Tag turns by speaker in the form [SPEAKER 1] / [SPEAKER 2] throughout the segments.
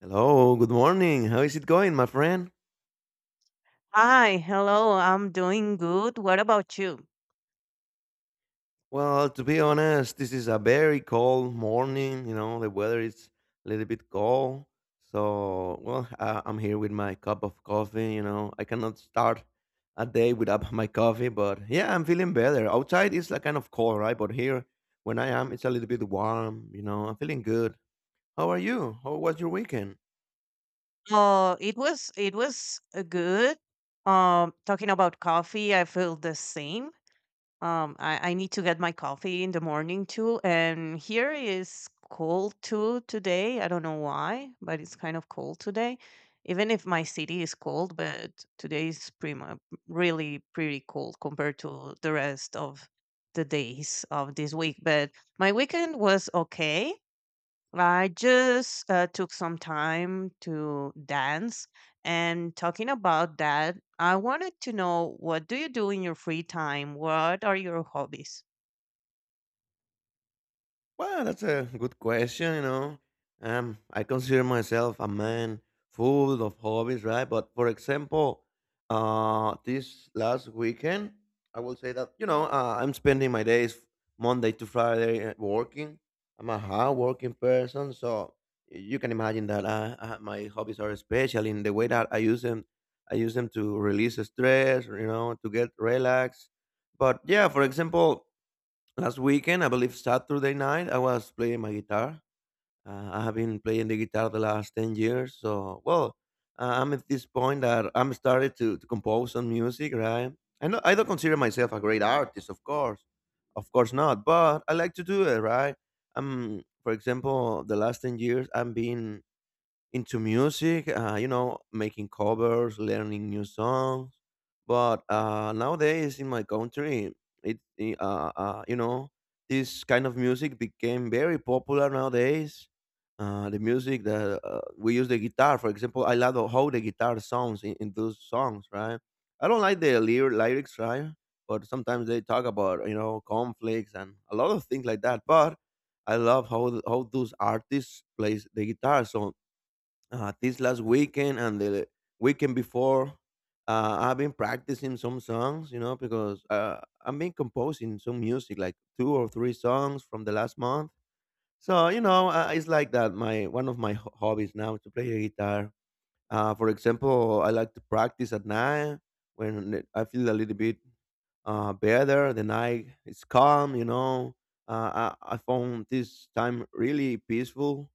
[SPEAKER 1] Hello, good morning. How is it going, my friend?
[SPEAKER 2] Hi, hello. I'm doing good. What about you?
[SPEAKER 1] Well, to be honest, this is a very cold morning. You know, the weather is a little bit cold. So I'm here with my cup of coffee. I cannot start a day without my coffee, but yeah, I'm feeling better. Outside is like kind of cold, right? But here, when I am, it's a little bit warm. You know, I'm feeling good. How are you? How was your weekend?
[SPEAKER 2] It was it was good. Talking about coffee, I feel the same. I need to get my coffee in the morning too, and here is cold too today. I don't know why, but it's kind of cold today. Even if my city is cold, but today is really pretty cold compared to the rest of the days of this week. But my weekend was okay. I just took some time to dance. And talking about that, I wanted to know what do you do in your free time? What are your hobbies?
[SPEAKER 1] Well, that's a good question, you know. I consider myself a man full of hobbies, right? But for example, this last weekend, I will say that, you know, I'm spending my days Monday to Friday working. I'm a hard working person, so you can imagine that my hobbies are special in the way that I use them. I use them to release stress, you know, to get relaxed. But yeah, for example, last weekend, I believe Saturday night, I was playing my guitar. I have been playing the guitar the last 10 years. So, well, I'm at this point that I'm started to compose some music, right? I, know, I don't consider myself a great artist, of course. Of course not, but I like to do it, right? For example, the last 10 years, I've been into music, you know, making covers, learning new songs. But nowadays in my country, you know, this kind of music became very popular nowadays. The music that we use the guitar, for example, I love how the guitar sounds in those songs, right? I don't like the lyrics, right? But sometimes they talk about, you know, conflicts and a lot of things like that. But I love how how those artists plays the guitar. So this last weekend and the weekend before. I've been practicing some songs, you know, because I've been composing some music, like two or three songs from the last month. So you know, it's like that. My one of my ho- hobbies now is to play the guitar. For example, I like to practice at night when I feel a little bit better. The night is calm, you know. I found this time really peaceful,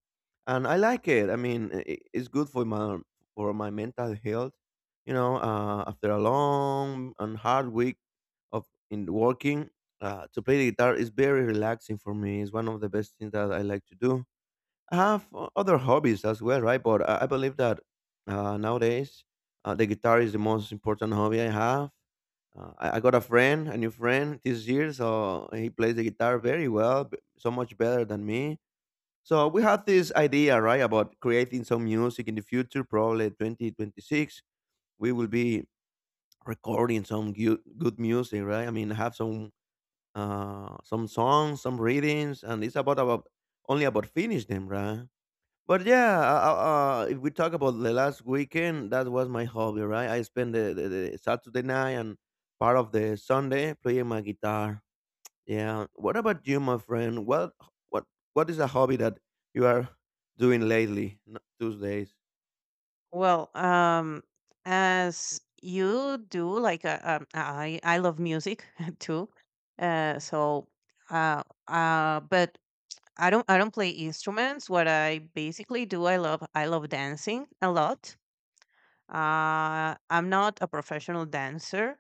[SPEAKER 1] and I like it. I mean, I it's good for my mental health, you know. After a long and hard week of in working, to play the guitar is very relaxing for me. It's one of the best things that I like to do. I have other hobbies as well, right? But I believe that nowadays the guitar is the most important hobby I have. I got a friend, a new friend this year, so he plays the guitar very well, so much better than me. So we had this idea, right, about creating some music in the future, probably 2026. We will be recording some good, good music, right? I mean, have some songs, some readings, and it's about only about finish them, right? But yeah, if we talk about the last weekend, that was my hobby, right? I spent the Saturday night and part of the Sunday playing my guitar. Yeah. What about you, my friend? What what is a hobby that you are doing lately, those days?
[SPEAKER 2] Well, as you do, like I love music too. Uh, so, uh, but I don't play instruments. What I basically do, I love dancing a lot. I'm not a professional dancer.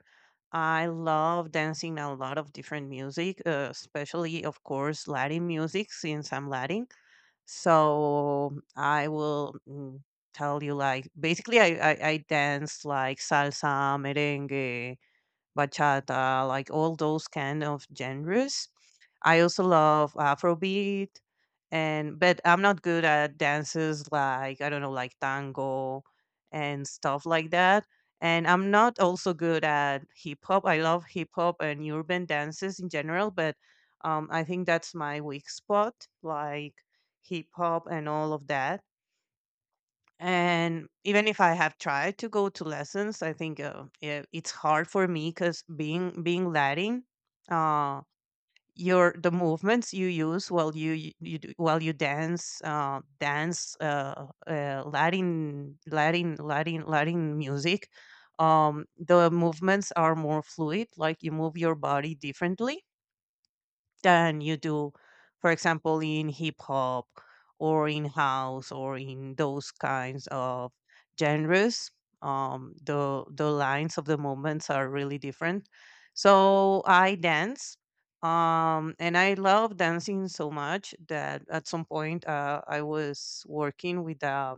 [SPEAKER 2] I love dancing a lot of different music, especially, of course, Latin music since I'm Latin. So I will tell you, like, basically, I dance like salsa, merengue, bachata, like all those kind of genres. I also love Afrobeat, and but I'm not good at dances like I don't know, like tango and stuff like that. And I'm not also good at hip hop. I love hip hop and urban dances in general, but I think that's my weak spot, like hip hop and all of that. And even if I have tried to go to lessons, I think it's hard for me because being Latin, uh your the movements you use while you while you dance Latin music. Um the movements are more fluid like you move your body differently than you do, for example, in hip hop or in house or in those kinds of genres. The lines of the movements are really different. So I dance, and I love dancing so much that at some point I was working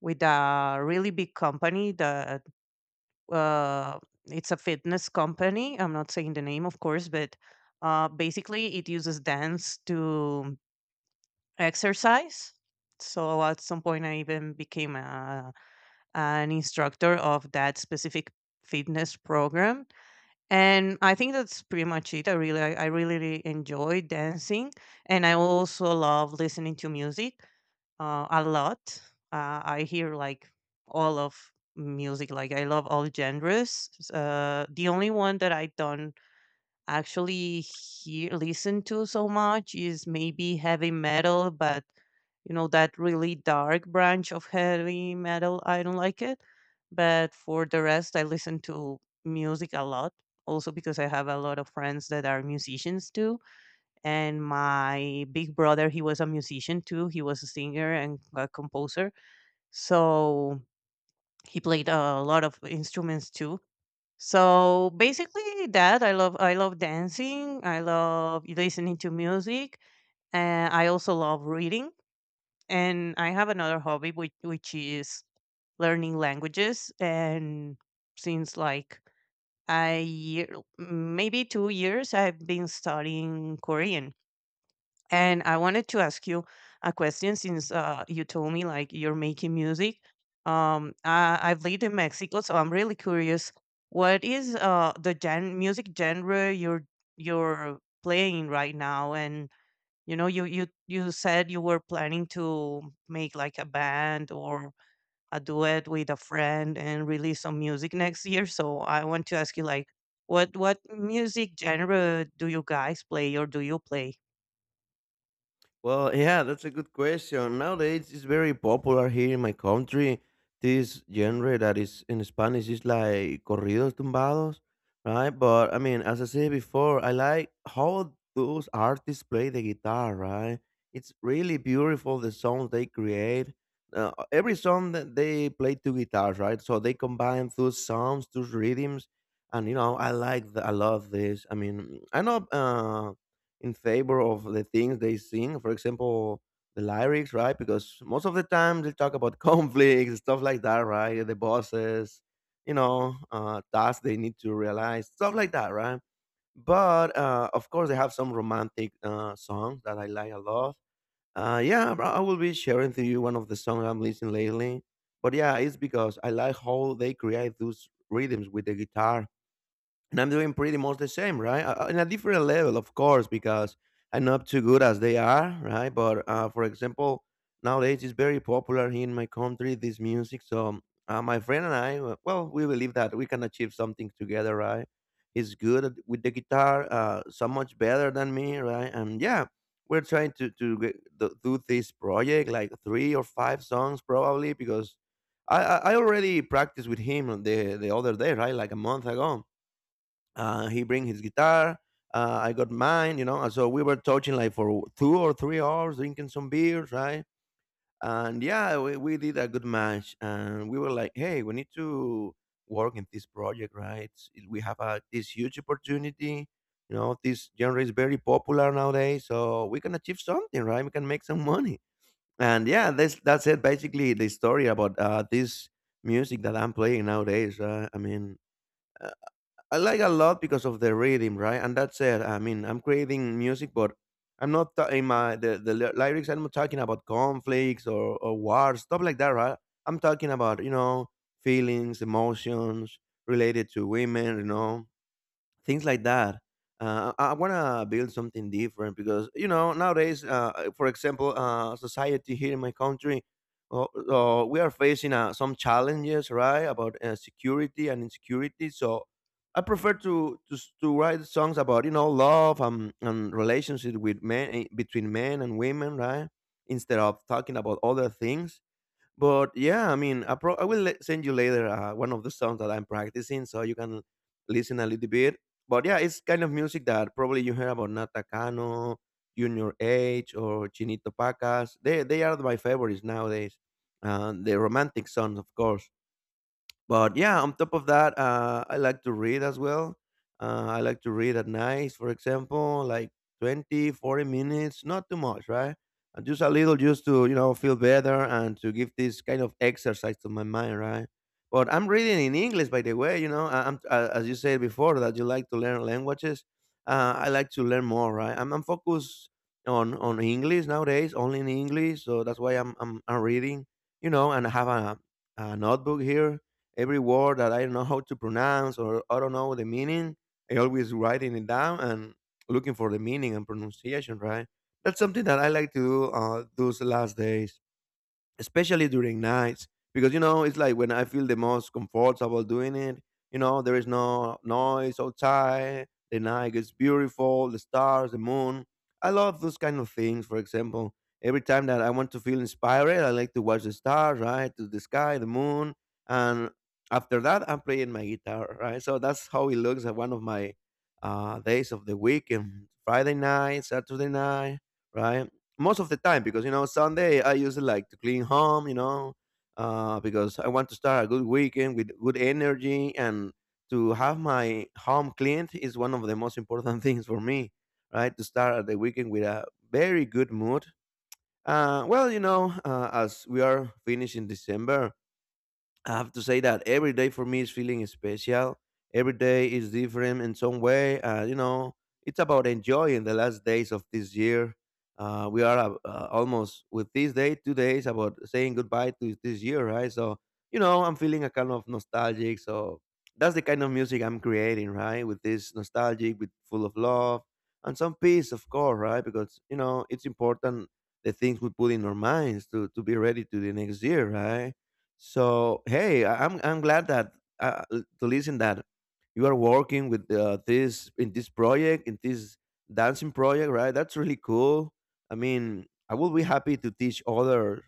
[SPEAKER 2] with a really big company that uh, it's a fitness company. I'm not saying the name, of course, but basically it uses dance to exercise. So at some point, I even became an instructor of that specific fitness program, and I think that's pretty much it. I really really enjoy dancing, and I also love listening to music a lot. I hear like all of music. Like I love all genres. The only one that I don't actually hear listen to so much is maybe heavy metal, but you know that really dark branch of heavy metal. I don't like it. But for the rest, I listen to music a lot. Also because I have a lot of friends that are musicians too, and my big brother, he was a musician too. He was a singer and a composer, so he played a lot of instruments too. So basically that, I love, I love dancing, I love listening to music, and I also love reading. And I have another hobby which is learning languages. And since like a year, maybe 2 years, I've been studying Korean. And I wanted to ask you a question since you told me like you're making music. I've lived in Mexico, so I'm really curious. What is the gen music genre you're playing right now? And you know, you said you were planning to make like a band or a duet with a friend and release some music next year. So I want to ask you like, what music genre do you guys play or do you play?
[SPEAKER 1] Well, yeah, that's a good question. Nowadays, it's very popular here in my country. This genre that is in Spanish is like corridos tumbados, right? But I mean, as I said before, I like how those artists play the guitar, right? It's really beautiful the songs they create. Every song that they play two guitars, right? So they combine those sounds, those rhythms, and you know, I like, the, I love this. I mean, I know. In favor of the things they sing. For example, the lyrics, right? Because most of the time they talk about conflicts, stuff like that, right? The bosses, you know, tasks they need to realize, stuff like that, right? But of course, they have some romantic songs that I like a lot. Yeah, bro, I will be sharing to you one of the songs I'm listening lately. But yeah, it's because I like how they create those rhythms with the guitar, and I'm doing pretty much the same, right? In a different level, of course, because I'm not too good as they are, right? But for example, nowadays it's very popular here in my country this music. So my friend and I, well, we believe that we can achieve something together, right? He's good with the guitar, so much better than me, right? And yeah, we're trying to get, do do this project, like three or five songs probably, because I already practiced with him the other day, right? Like a month ago he bring his guitar. I got mine, you know. And so we were touching like for 2 or 3 hours, drinking some beers, right? And yeah, we did a good match. And we were like, hey, we need to work in this project, right? We have a, this huge opportunity. You know, this genre is very popular nowadays, so we can achieve something, right? We can make some money. And yeah, that's it. Basically, the story about this music that I'm playing nowadays. I mean, I like a lot because of the rhythm, right? And that's it. I mean, I'm creating music, but I'm not ta- in my the ly- lyrics. I'm not talking about conflicts or wars, stuff like that, right? I'm talking about, you know, feelings, emotions related to women, you know, things like that. I want to build something different because you know nowadays, for example, society here in my country, we are facing some challenges, right, about security and insecurity. So I prefer to write songs about, you know, love and relationship with men eh, between men and women, right, instead of talking about other things. But yeah, I mean, I, pro- I will le- send you later one of the songs that I'm practicing so you can listen a little bit. But yeah, it's kind of music that probably you hear about Natacano, Junior H, or Chinito Pacas. They are my favorites nowadays. The romantic songs, of course. But yeah, on top of that, I like to read as well. I like to read at night, for example, like 20, 40 minutes, not too much, right? Just a little, just to, you know, feel better and to give this kind of exercise to my mind, right? But I'm reading in English, by the way, you know. I- I'm As you said before, that you like to learn languages, I like to learn more, right? I'm focused on English nowadays, only in English, so that's why I'm reading, you know. And I have a notebook here. Every word that I don't know how to pronounce or I don't know the meaning, I always writing it down and looking for the meaning and pronunciation, right? That's something that I like to do those last days, especially during nights, because you know it's like when I feel the most comfortable doing it. You know there is no noise outside, the night is beautiful, the stars, the moon. I love those kind of things. For example, every time that I want to feel inspired, I like to watch the stars, right, to the sky, the moon. And after that I'm playing my guitar, right? So that's how it looks at one of my days of the week, and Friday night, Saturday night, right, most of the time. Because you know Sunday I usually like to clean home, you know, because I want to start a good weekend with good energy, and to have my home cleaned is one of the most important things for me, right? To start the weekend with a very good mood. Well, you know, as we are finishing December, I have to say that every day for me is feeling special. Every day is different in some way. You know, it's about enjoying the last days of this year. We are almost with this day, 2 days about saying goodbye to this year, right? So, you know, I'm feeling a kind of nostalgic. So that's the kind of music I'm creating, right? With this nostalgic, with full of love and some peace, of course, right? Because you know, it's important the things we put in our minds to be ready to the next year, right? So hey, I'm glad that uh, to listen that you are working with this in this project in this dancing project, right? That's really cool. I mean, I will be happy to teach others.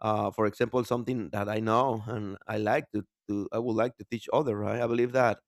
[SPEAKER 1] For example, something that I know and I like to I would like to teach others, right? I believe that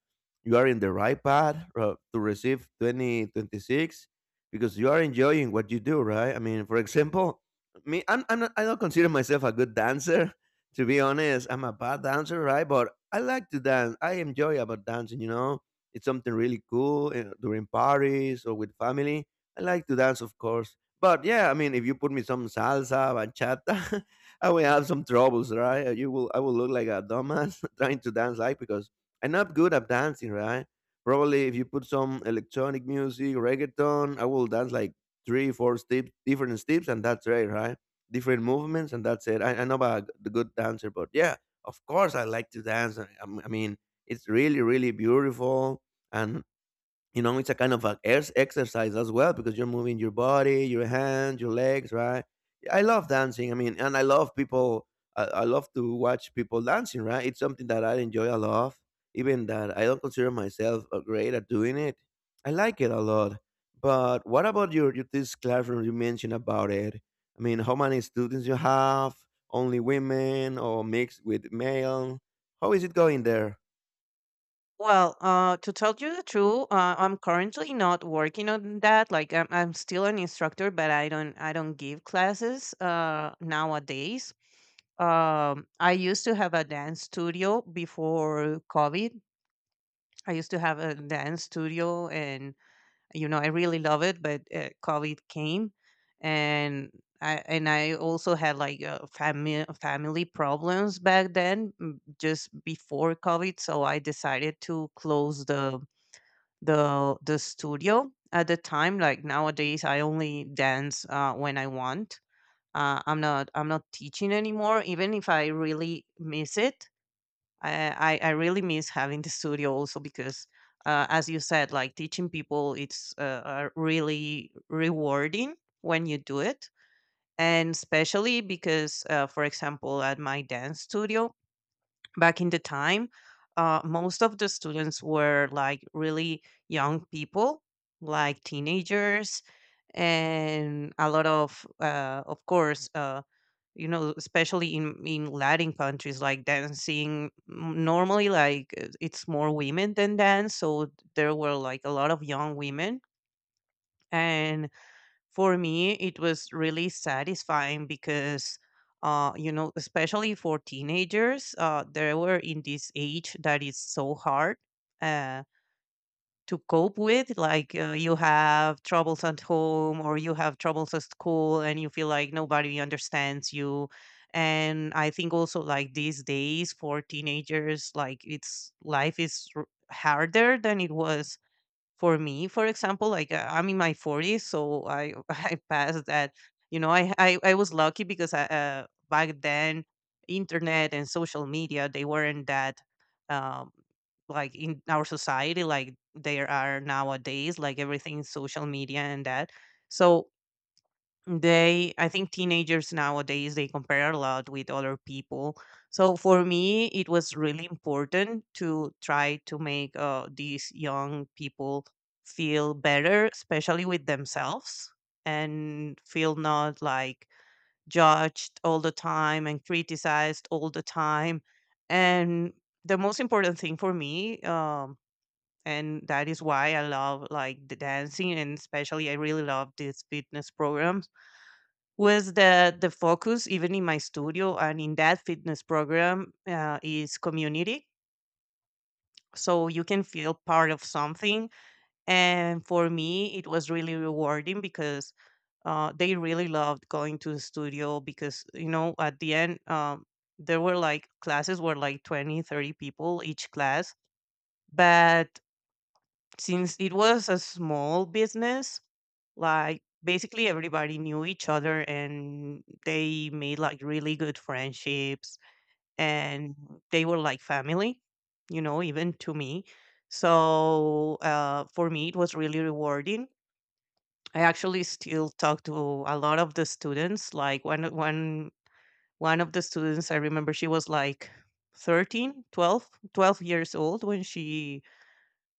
[SPEAKER 1] you are in the right path to receive 2026 because you are enjoying what you do, right? I mean, for example, me, I don't consider myself a good dancer, to be honest, I'm a bad dancer, right? But I like to dance. I enjoy about dancing. You know, it's something really cool during parties or with family. I like to dance, of course. But yeah, I mean, if you put me some salsa, bachata, I will have some troubles, right? I will look like a dumbass trying to dance like because I'm not good at dancing, right? Probably if you put some electronic music, reggaeton, I will dance like three, four steps, different steps, and that's right, right? Different movements, and that's it. I know about the good dancer, but yeah, of course, I like to dance. I mean, it's really, really beautiful, and you know it's a kind of a exercise as well because you're moving your body, your hands, your legs, right? I love dancing. I mean, and I love people. I love to watch people dancing, right? It's something that I enjoy a lot, even that I don't consider myself a great at doing it. I like it a lot. But what about your this classroom you mentioned about it? I mean, how many students you have, only women or mixed with male? How is it going there?
[SPEAKER 2] Well, to tell you the truth, I'm currently not working on that. Like, I'm still an instructor, but I don't give classes nowadays. I used to have a dance studio before COVID. I used to have a dance studio, and you know, I really love it, but COVID came. And I and I also had like family problems back then, just before COVID, so I decided to close the the studio at the time. Like, nowadays I only dance when I want. I'm not I'm not teaching anymore, even if I really miss it. I really miss having the studio, also because, as you said, like teaching people, it's really rewarding when you do it. And especially because, for example, at my dance studio back in the time, most of the students were like really young people, like teenagers, and a lot of course, you know, especially in Latin countries, like dancing, normally like it's more women than dance, so there were like a lot of young women, and for me it was really satisfying because, you know, especially for teenagers, they were in this age that is so hard, uh, to cope with. Like you have troubles at home or you have troubles at school and you feel like nobody understands you. And I think also, like, these days for teenagers, like, it's harder than it was for me, for example. Like I'm in my 40s, so I I passed that. You know, I was lucky because I, back then, internet and social media, they weren't that um like in our society like there are nowadays, like everything is social media and that. So they, I think teenagers nowadays, they compare a lot with other people. So for me it was really important to try to make these young people feel better, especially with themselves, and feel not like judged all the time and criticized all the time. And the most important thing for me, and that is why I love like the dancing, and especially I really love these fitness programs, was the focus even in my studio and in that fitness program, is community. So you can feel part of something. And for me it was really rewarding because they really loved going to the studio, because you know at the end, there were like classes were like 20, 30 people each class. But since it was a small business, like basically everybody knew each other and they made like really good friendships, and they were like family, you know, even to me. So for me, it was really rewarding. I actually still talk to a lot of the students. Like one of the students, I remember she was like 13, 12, 12 years old when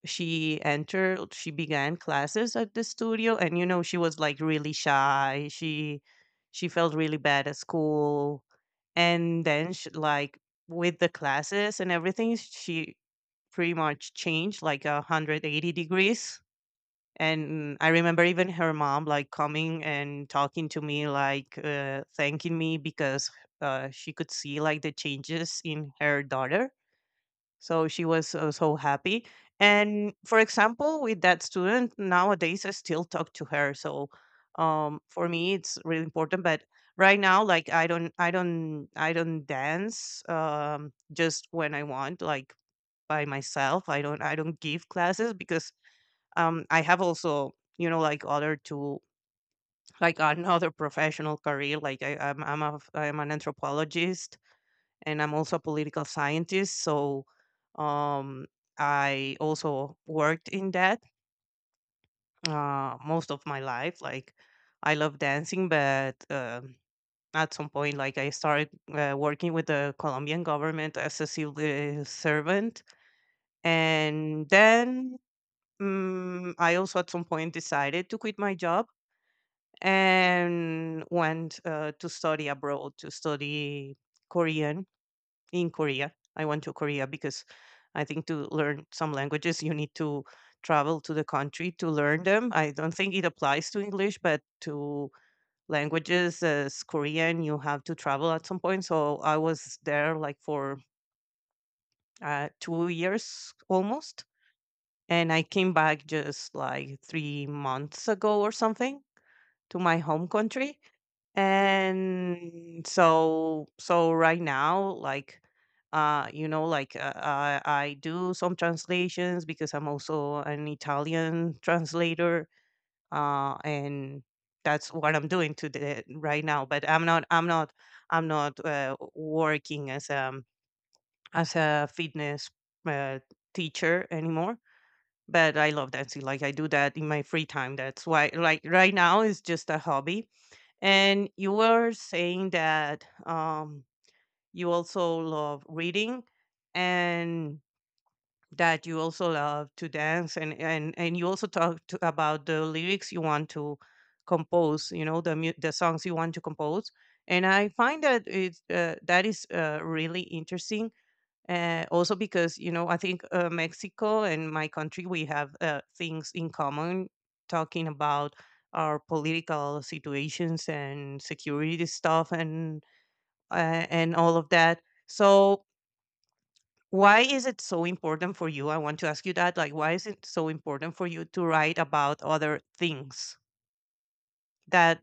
[SPEAKER 2] she entered, she began classes at the studio. And you know, she was like really shy, she felt really bad at school. And then she, like, with the classes and everything, she pretty much changed like a 180 degrees. And I remember even her mom like coming and talking to me like thanking me because she could see like the changes in her daughter, so she was so happy. And for example, with that student, nowadays I still talk to her. So for me, it's really important. But right now, like I don't dance, just when I want, like by myself. I don't give classes because I have also, you know, like other two, like another professional career. Like I'm an anthropologist, and I'm also a political scientist. So um, I also worked in that most of my life. Like I love dancing, but at some point, like I started working with the Colombian government as a civil servant. And then I also at some point decided to quit my job and went to study abroad, to study Korean in Korea. I went to Korea because I think to learn some languages, you need to travel to the country to learn them. I don't think it applies to English, but to languages as Korean, you have to travel at some point. So I was there like for 2 years almost. And I came back just like 3 months ago or something, to my home country. And so so right now, like you know, like I do some translations because I'm also an Italian translator, and that's what I'm doing today right now. But I'm not working as a fitness uh, teacher anymore. But I love dancing. Like I do that in my free time. That's why like right now it's just a hobby. And you were saying that you also love reading and that you also love to dance and you also talked about the lyrics you want to compose, the the songs you want to compose. And I find that it's that is really interesting, also because I think Mexico and my country, we have things in common, talking about our political situations and security stuff and and all of that. So why is it so important for you? I want to ask you that, like why is it so important for you to write about other things that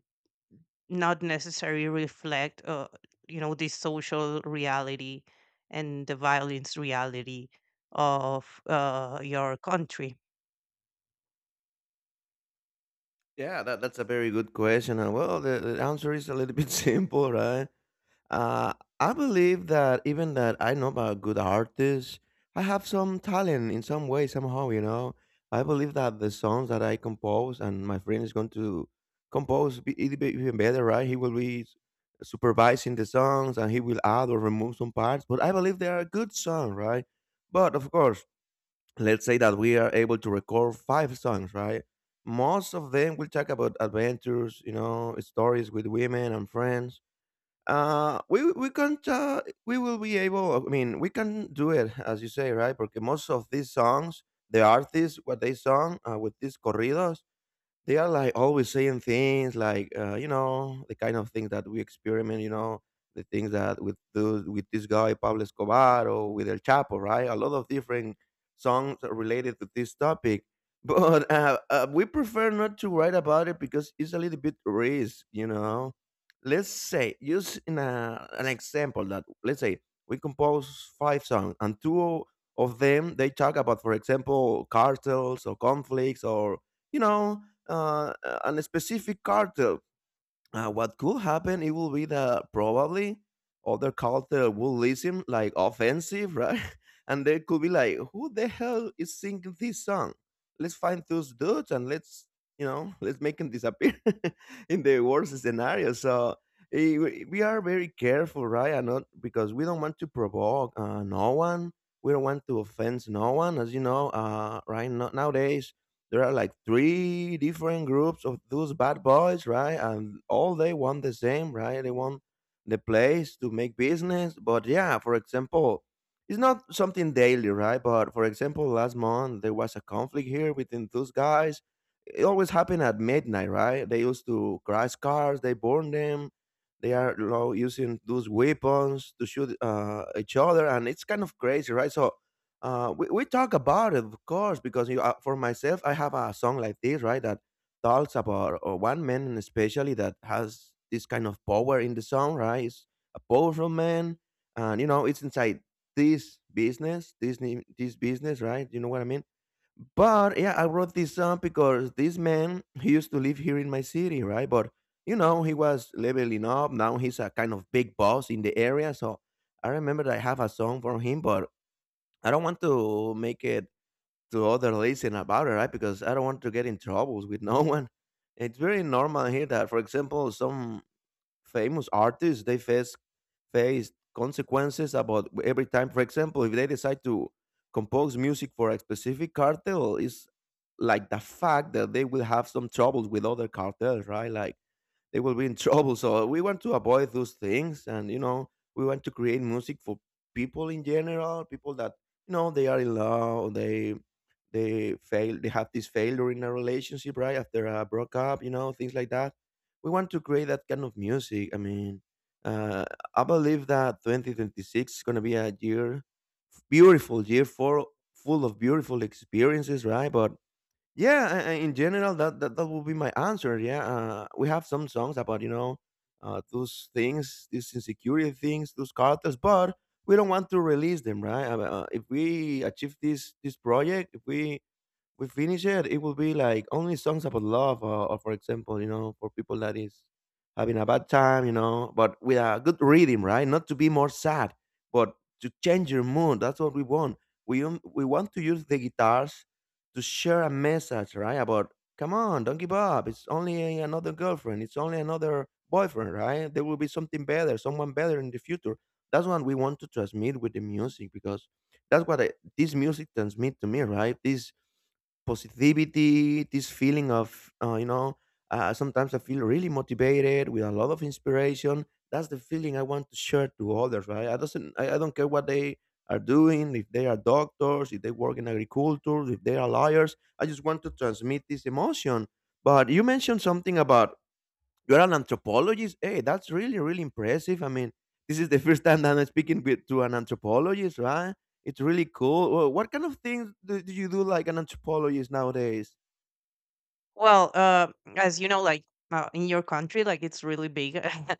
[SPEAKER 2] not necessarily reflect, the social reality and the violence reality of your country?
[SPEAKER 1] Yeah, that's a very good question. And well, the answer is a little bit simple, right? Uh, I believe that even that I know about good artists, I have some talent in some way, somehow, you know. I believe that the songs that I compose and my friend is going to it'll be even better, right? He will be supervising the songs, and he will add or remove some parts. But I believe they are good songs, right? But of course, let's say that we are able to record five songs, right? Most of them will talk about adventures, you know, stories with women and friends. Uh, we we can uh, we will be able. I mean, we can do it as you say, right? Because most of these songs, the artists, what they song with these corridos, they are like always saying things like you know, the kind of things that we experiment, you know, the things that with this guy Pablo Escobar or with El Chapo, right? A lot of different songs are related to this topic. but We prefer not to write about it because it's a little bit risk, you know. Let's say use in an example that, let's say we compose five songs, and two of them they talk about, for example, cartels or conflicts or, you know, a specific cartel. What could happen? It will be that probably other cartel will listen like offensive, right? And they could be like, "Who the hell is singing this song? Let's find those dudes and let's, you know, let's make them disappear in the worst scenario." So we are very careful, right? And not because we don't want to provoke no one. We don't want to offend no one, as you know. Right no, Nowadays, there are like three different groups of those bad boys, right? And all they want the same, right? They want the place to make business. But yeah, for example, it's not something daily, right? But for example, last month there was a conflict here within those guys. It always happened at midnight, right? They used to crash cars, they burn them. They are, you know, using those weapons to shoot each other, and it's kind of crazy, right? So we talk about it, of course, because you for myself, I have a song like this, right, that talks about one man, especially that has this kind of power in the song, right? It's a powerful man, and you know, it's inside this business, right? You know what I mean? But yeah, I wrote this song because this man he used to live here in my city, right? But you know, he was leveling up. Now he's a kind of big boss in the area, so I remember that I have a song for him, but I don't want to make it to other listening about it, right? Because I don't want to get in troubles with no one. It's very normal here that, for example, some famous artists they face consequences about every time. For example, if they decide to compose music for a specific cartel, is like the fact that they will have some troubles with other cartels, right? Like they will be in trouble. So we want to avoid those things, and you know, we want to create music for people in general, people that you know they are in love, they fail, they have this failure in a relationship, right after a breakup, you know, things like that. We want to create that kind of music. I mean, uh, I believe that 2026 is gonna be beautiful year for full of beautiful experiences, right? But yeah, in general, that would be my answer. Yeah, we have some songs about you know those things, these insecurity things, those characters, but we don't want to release them, right? If we achieve this project, if we finish it, it will be like only songs about love, or for example, you know, for people that is having a bad time, you know, but with a good rhythm, right? Not to be more sad, but to change your mood. That's what we want. We want to use the guitars to share a message, right? About come on, don't give up. It's only another girlfriend. It's only another boyfriend, right? There will be something better, someone better in the future. That's what we want to transmit with the music because that's what this music transmit to me, right? This positivity, this feeling of, you know, sometimes I feel really motivated with a lot of inspiration. That's the feeling I want to share to others, right? I doesn't, I don't care what they are doing, if they are doctors, if they work in agriculture, if they are lawyers. I just want to transmit this emotion. But you mentioned something about you're an anthropologist? Hey, that's really, really impressive. I mean, this is the first time that I'm speaking to an anthropologist, right? It's really cool. What kind of things do you do like an anthropologist nowadays?
[SPEAKER 2] Well, as you know, like in your country, like it's really big,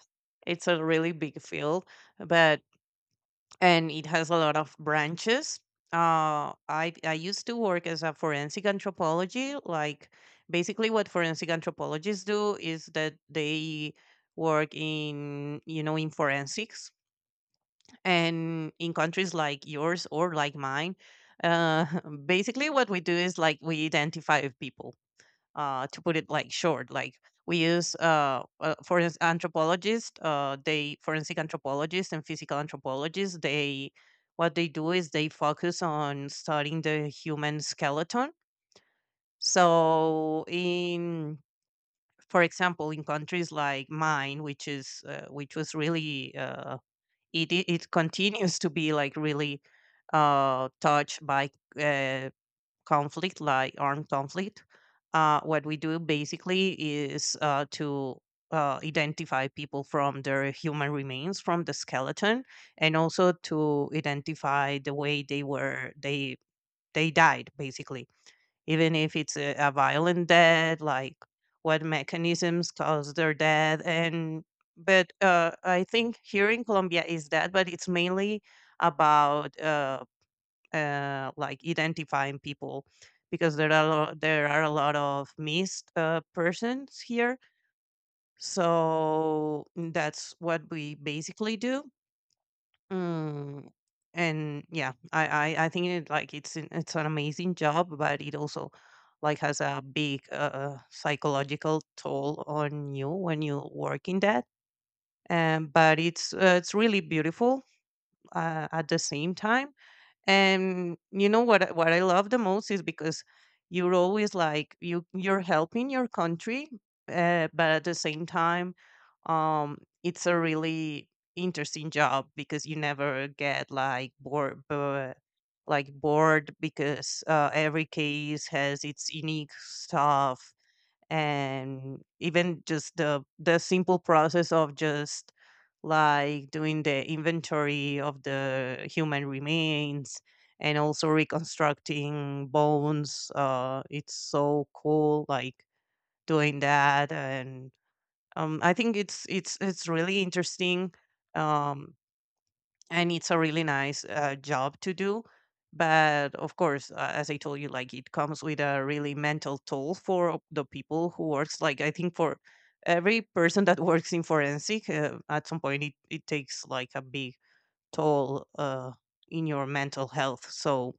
[SPEAKER 2] it's a really big field. But and it has a lot of branches. I used to work as a forensic anthropology. Like basically, what forensic anthropologists do is that they work in, in forensics and in countries like yours or like mine. Uh, basically, what we do is like we identify people to put it like short, like we use forensic anthropologists they forensic anthropologists and physical anthropologists, they what they do is they focus on studying the human skeleton. So in, for example, in countries like mine, which is which was really it, it it continues to be like really, touched by uh, conflict, like armed conflict. What we do basically is to identify people from their human remains, from the skeleton, and also to identify the way they were they died, basically. Even if it's a violent death, like what mechanisms caused their death. And but I think here in Colombia is that, but it's mainly about like identifying people because there are a lot of missed persons here. So that's what we basically do. Mm, and yeah, I think it, like it's it's an amazing job, but it also like has a big psychological toll on you when you work in that. But it's really beautiful, at the same time. And you know what I love the most is because you're always like you're helping your country, but at the same time, um, it's a really interesting job because you never get like bored, because every case has its unique stuff. And even just the simple process of just like doing the inventory of the human remains and also reconstructing bones, uh, it's so cool, like doing that. And um, I think it's really interesting. Um, and it's a really nice job to do. But of course, as I told you, like it comes with a really mental toll for the people who works. Like I think for every person that works in forensic, at some point it takes like a big toll in your mental health. So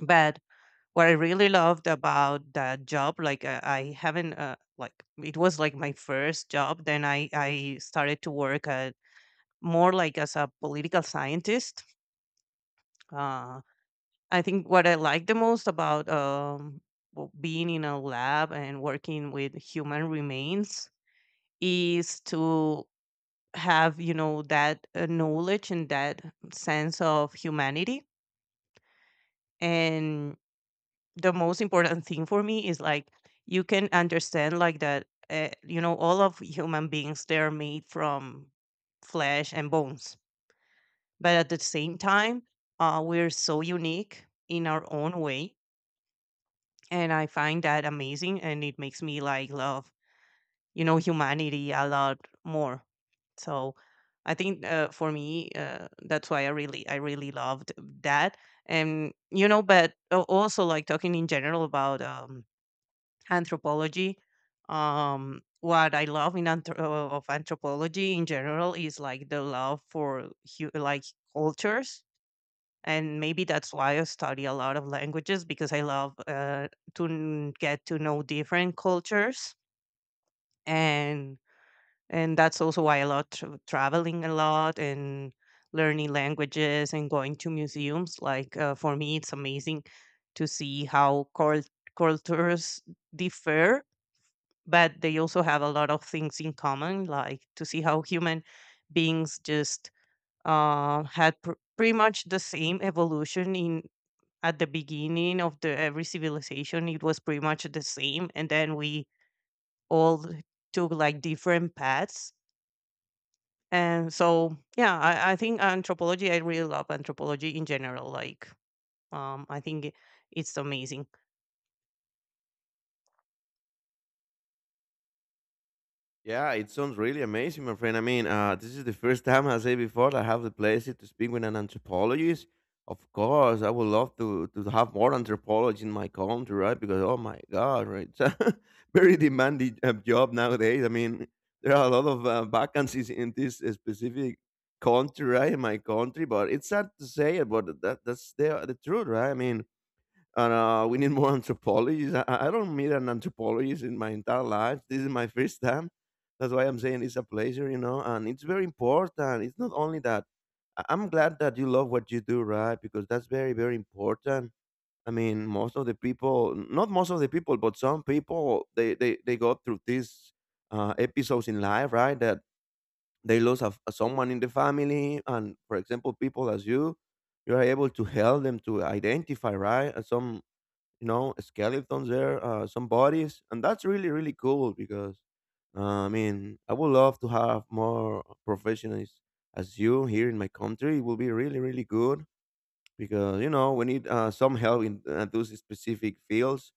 [SPEAKER 2] but what I really loved about that job, like I haven't like it was like my first job. Then I started to work at more like as a political scientist. uh, I think what I like the most about, being in a lab and working with human remains is to have, you know, that knowledge and that sense of humanity. And the most important thing for me is like you can understand like that, all of human beings, they're made from flesh and bones. But at the same time, we're so unique in our own way, and I find that amazing. And it makes me like love, humanity a lot more. So I think, for me, that's why I really loved that. And you know, but also like talking in general about, anthropology. What I love in anthro- of anthropology in general is like the love for like cultures. And maybe that's why I study a lot of languages, because I love get to know different cultures. And and that's also why I love traveling a lot and learning languages and going to museums. Like for me, it's amazing to see how cultures differ, but they also have a lot of things in common. Like to see how human beings just pretty much the same evolution in at the beginning of the every civilization. It was pretty much the same, and then we all took like different paths. And so yeah, I think anthropology, I really love anthropology in general, like um, i think it- it's amazing.
[SPEAKER 1] Yeah, it sounds really amazing, my friend. I mean, this is the first time, I say before, that I have the pleasure to speak with an anthropologist. Of course, I would love to have more anthropologists in my country, right? Because, oh my God, right? It's a very demanding job nowadays. I mean, there are a lot of vacancies in this specific country, right? In my country, but it's sad to say it, but that's the truth, right? I mean, and we need more anthropologists. I don't meet an anthropologist in my entire life. This is my first time. That's why I'm saying it's a pleasure, you know, and it's very important. It's not only that. I'm glad that you love what you do, right? Because that's very, very important. I mean, most of the people, not most of the people, but some people, they go through these episodes in life, right? That they lose a someone in the family, and for example, people as you, you are able to help them to identify, right? Some, you know, skeletons there, some bodies, and that's really, really cool because I mean, I would love to have more professionals as you here in my country. It will be really, really good because you know we need some help in those specific fields.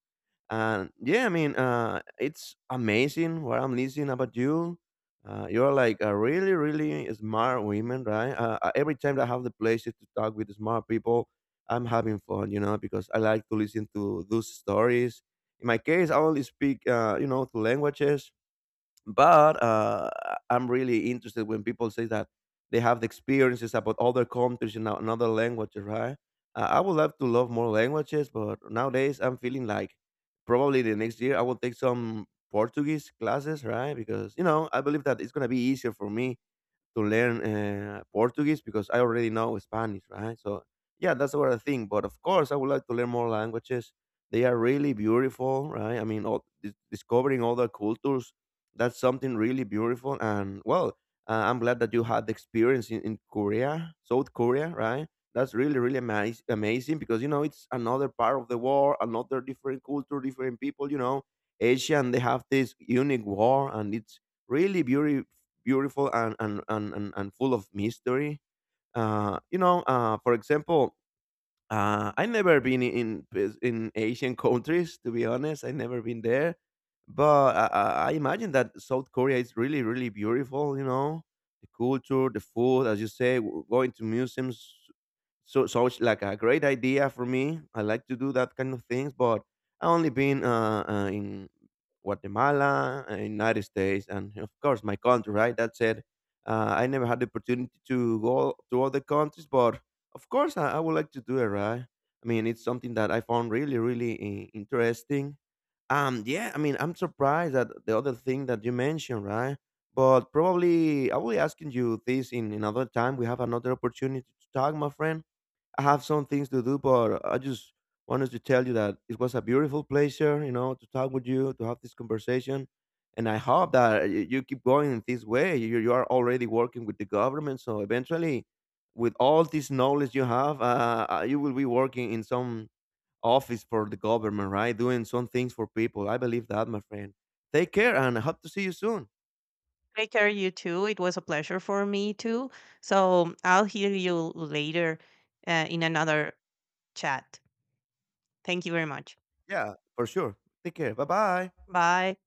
[SPEAKER 1] And yeah, I mean, it's amazing what I'm listening about you. You're like a really, really smart women, right? Every time that I have the pleasure to talk with smart people, I'm having fun, you know, because I like to listen to those stories. In my case, I only speak, you know, two languages, but am really interested when people say that they have the experiences about other countries and another languages, right? I would love to love more languages, but nowadays I'm feeling like probably the next year I will take some Portuguese classes, right? Because you know I believe that it's gonna be easier for me to learn Portuguese because I already know Spanish, right? So yeah, that's what I think. But of course, I would like to learn more languages. They are really beautiful, right? I mean, all, discovering other cultures, that's something really beautiful. And well, I'm glad that you had the experience in Korea, South Korea, right? That's really, really amazing because, you know, it's another part of the world, another different culture, different people, you know, Asia, and they have this unique war, and it's really beautiful and full of mystery. You know, for example, I never been in Asian countries, to be honest. I never been there, but I imagine that South Korea is really, really beautiful. You know, the culture, the food, as you say, going to museums. So so it's like a great idea for me. I like to do that kind of things, but I only been in Guatemala, United States, and of course my country. Right, that's it. I never had the opportunity to go to other countries, but of course, I would like to do it, right? I mean, it's something that I found really, really interesting. Yeah, I mean, I'm surprised at the other thing that you mentioned, right? But probably I will be asking you this in another time. We have another opportunity to talk, my friend. I have some things to do, but I just wanted to tell you that it was a beautiful pleasure, you know, to talk with you, to have this conversation. And I hope that you keep going in this way. You are already working with the government. So eventually, with all this knowledge you have, you will be working in some office for the government, right? Doing some things for people. I believe that, my friend. Take care, and I hope to see you soon.
[SPEAKER 2] Take care, you too. It was a pleasure for me too. So I'll hear you later, in another chat. Thank you very much.
[SPEAKER 1] Yeah, for sure. Take care. Bye bye.
[SPEAKER 2] Bye.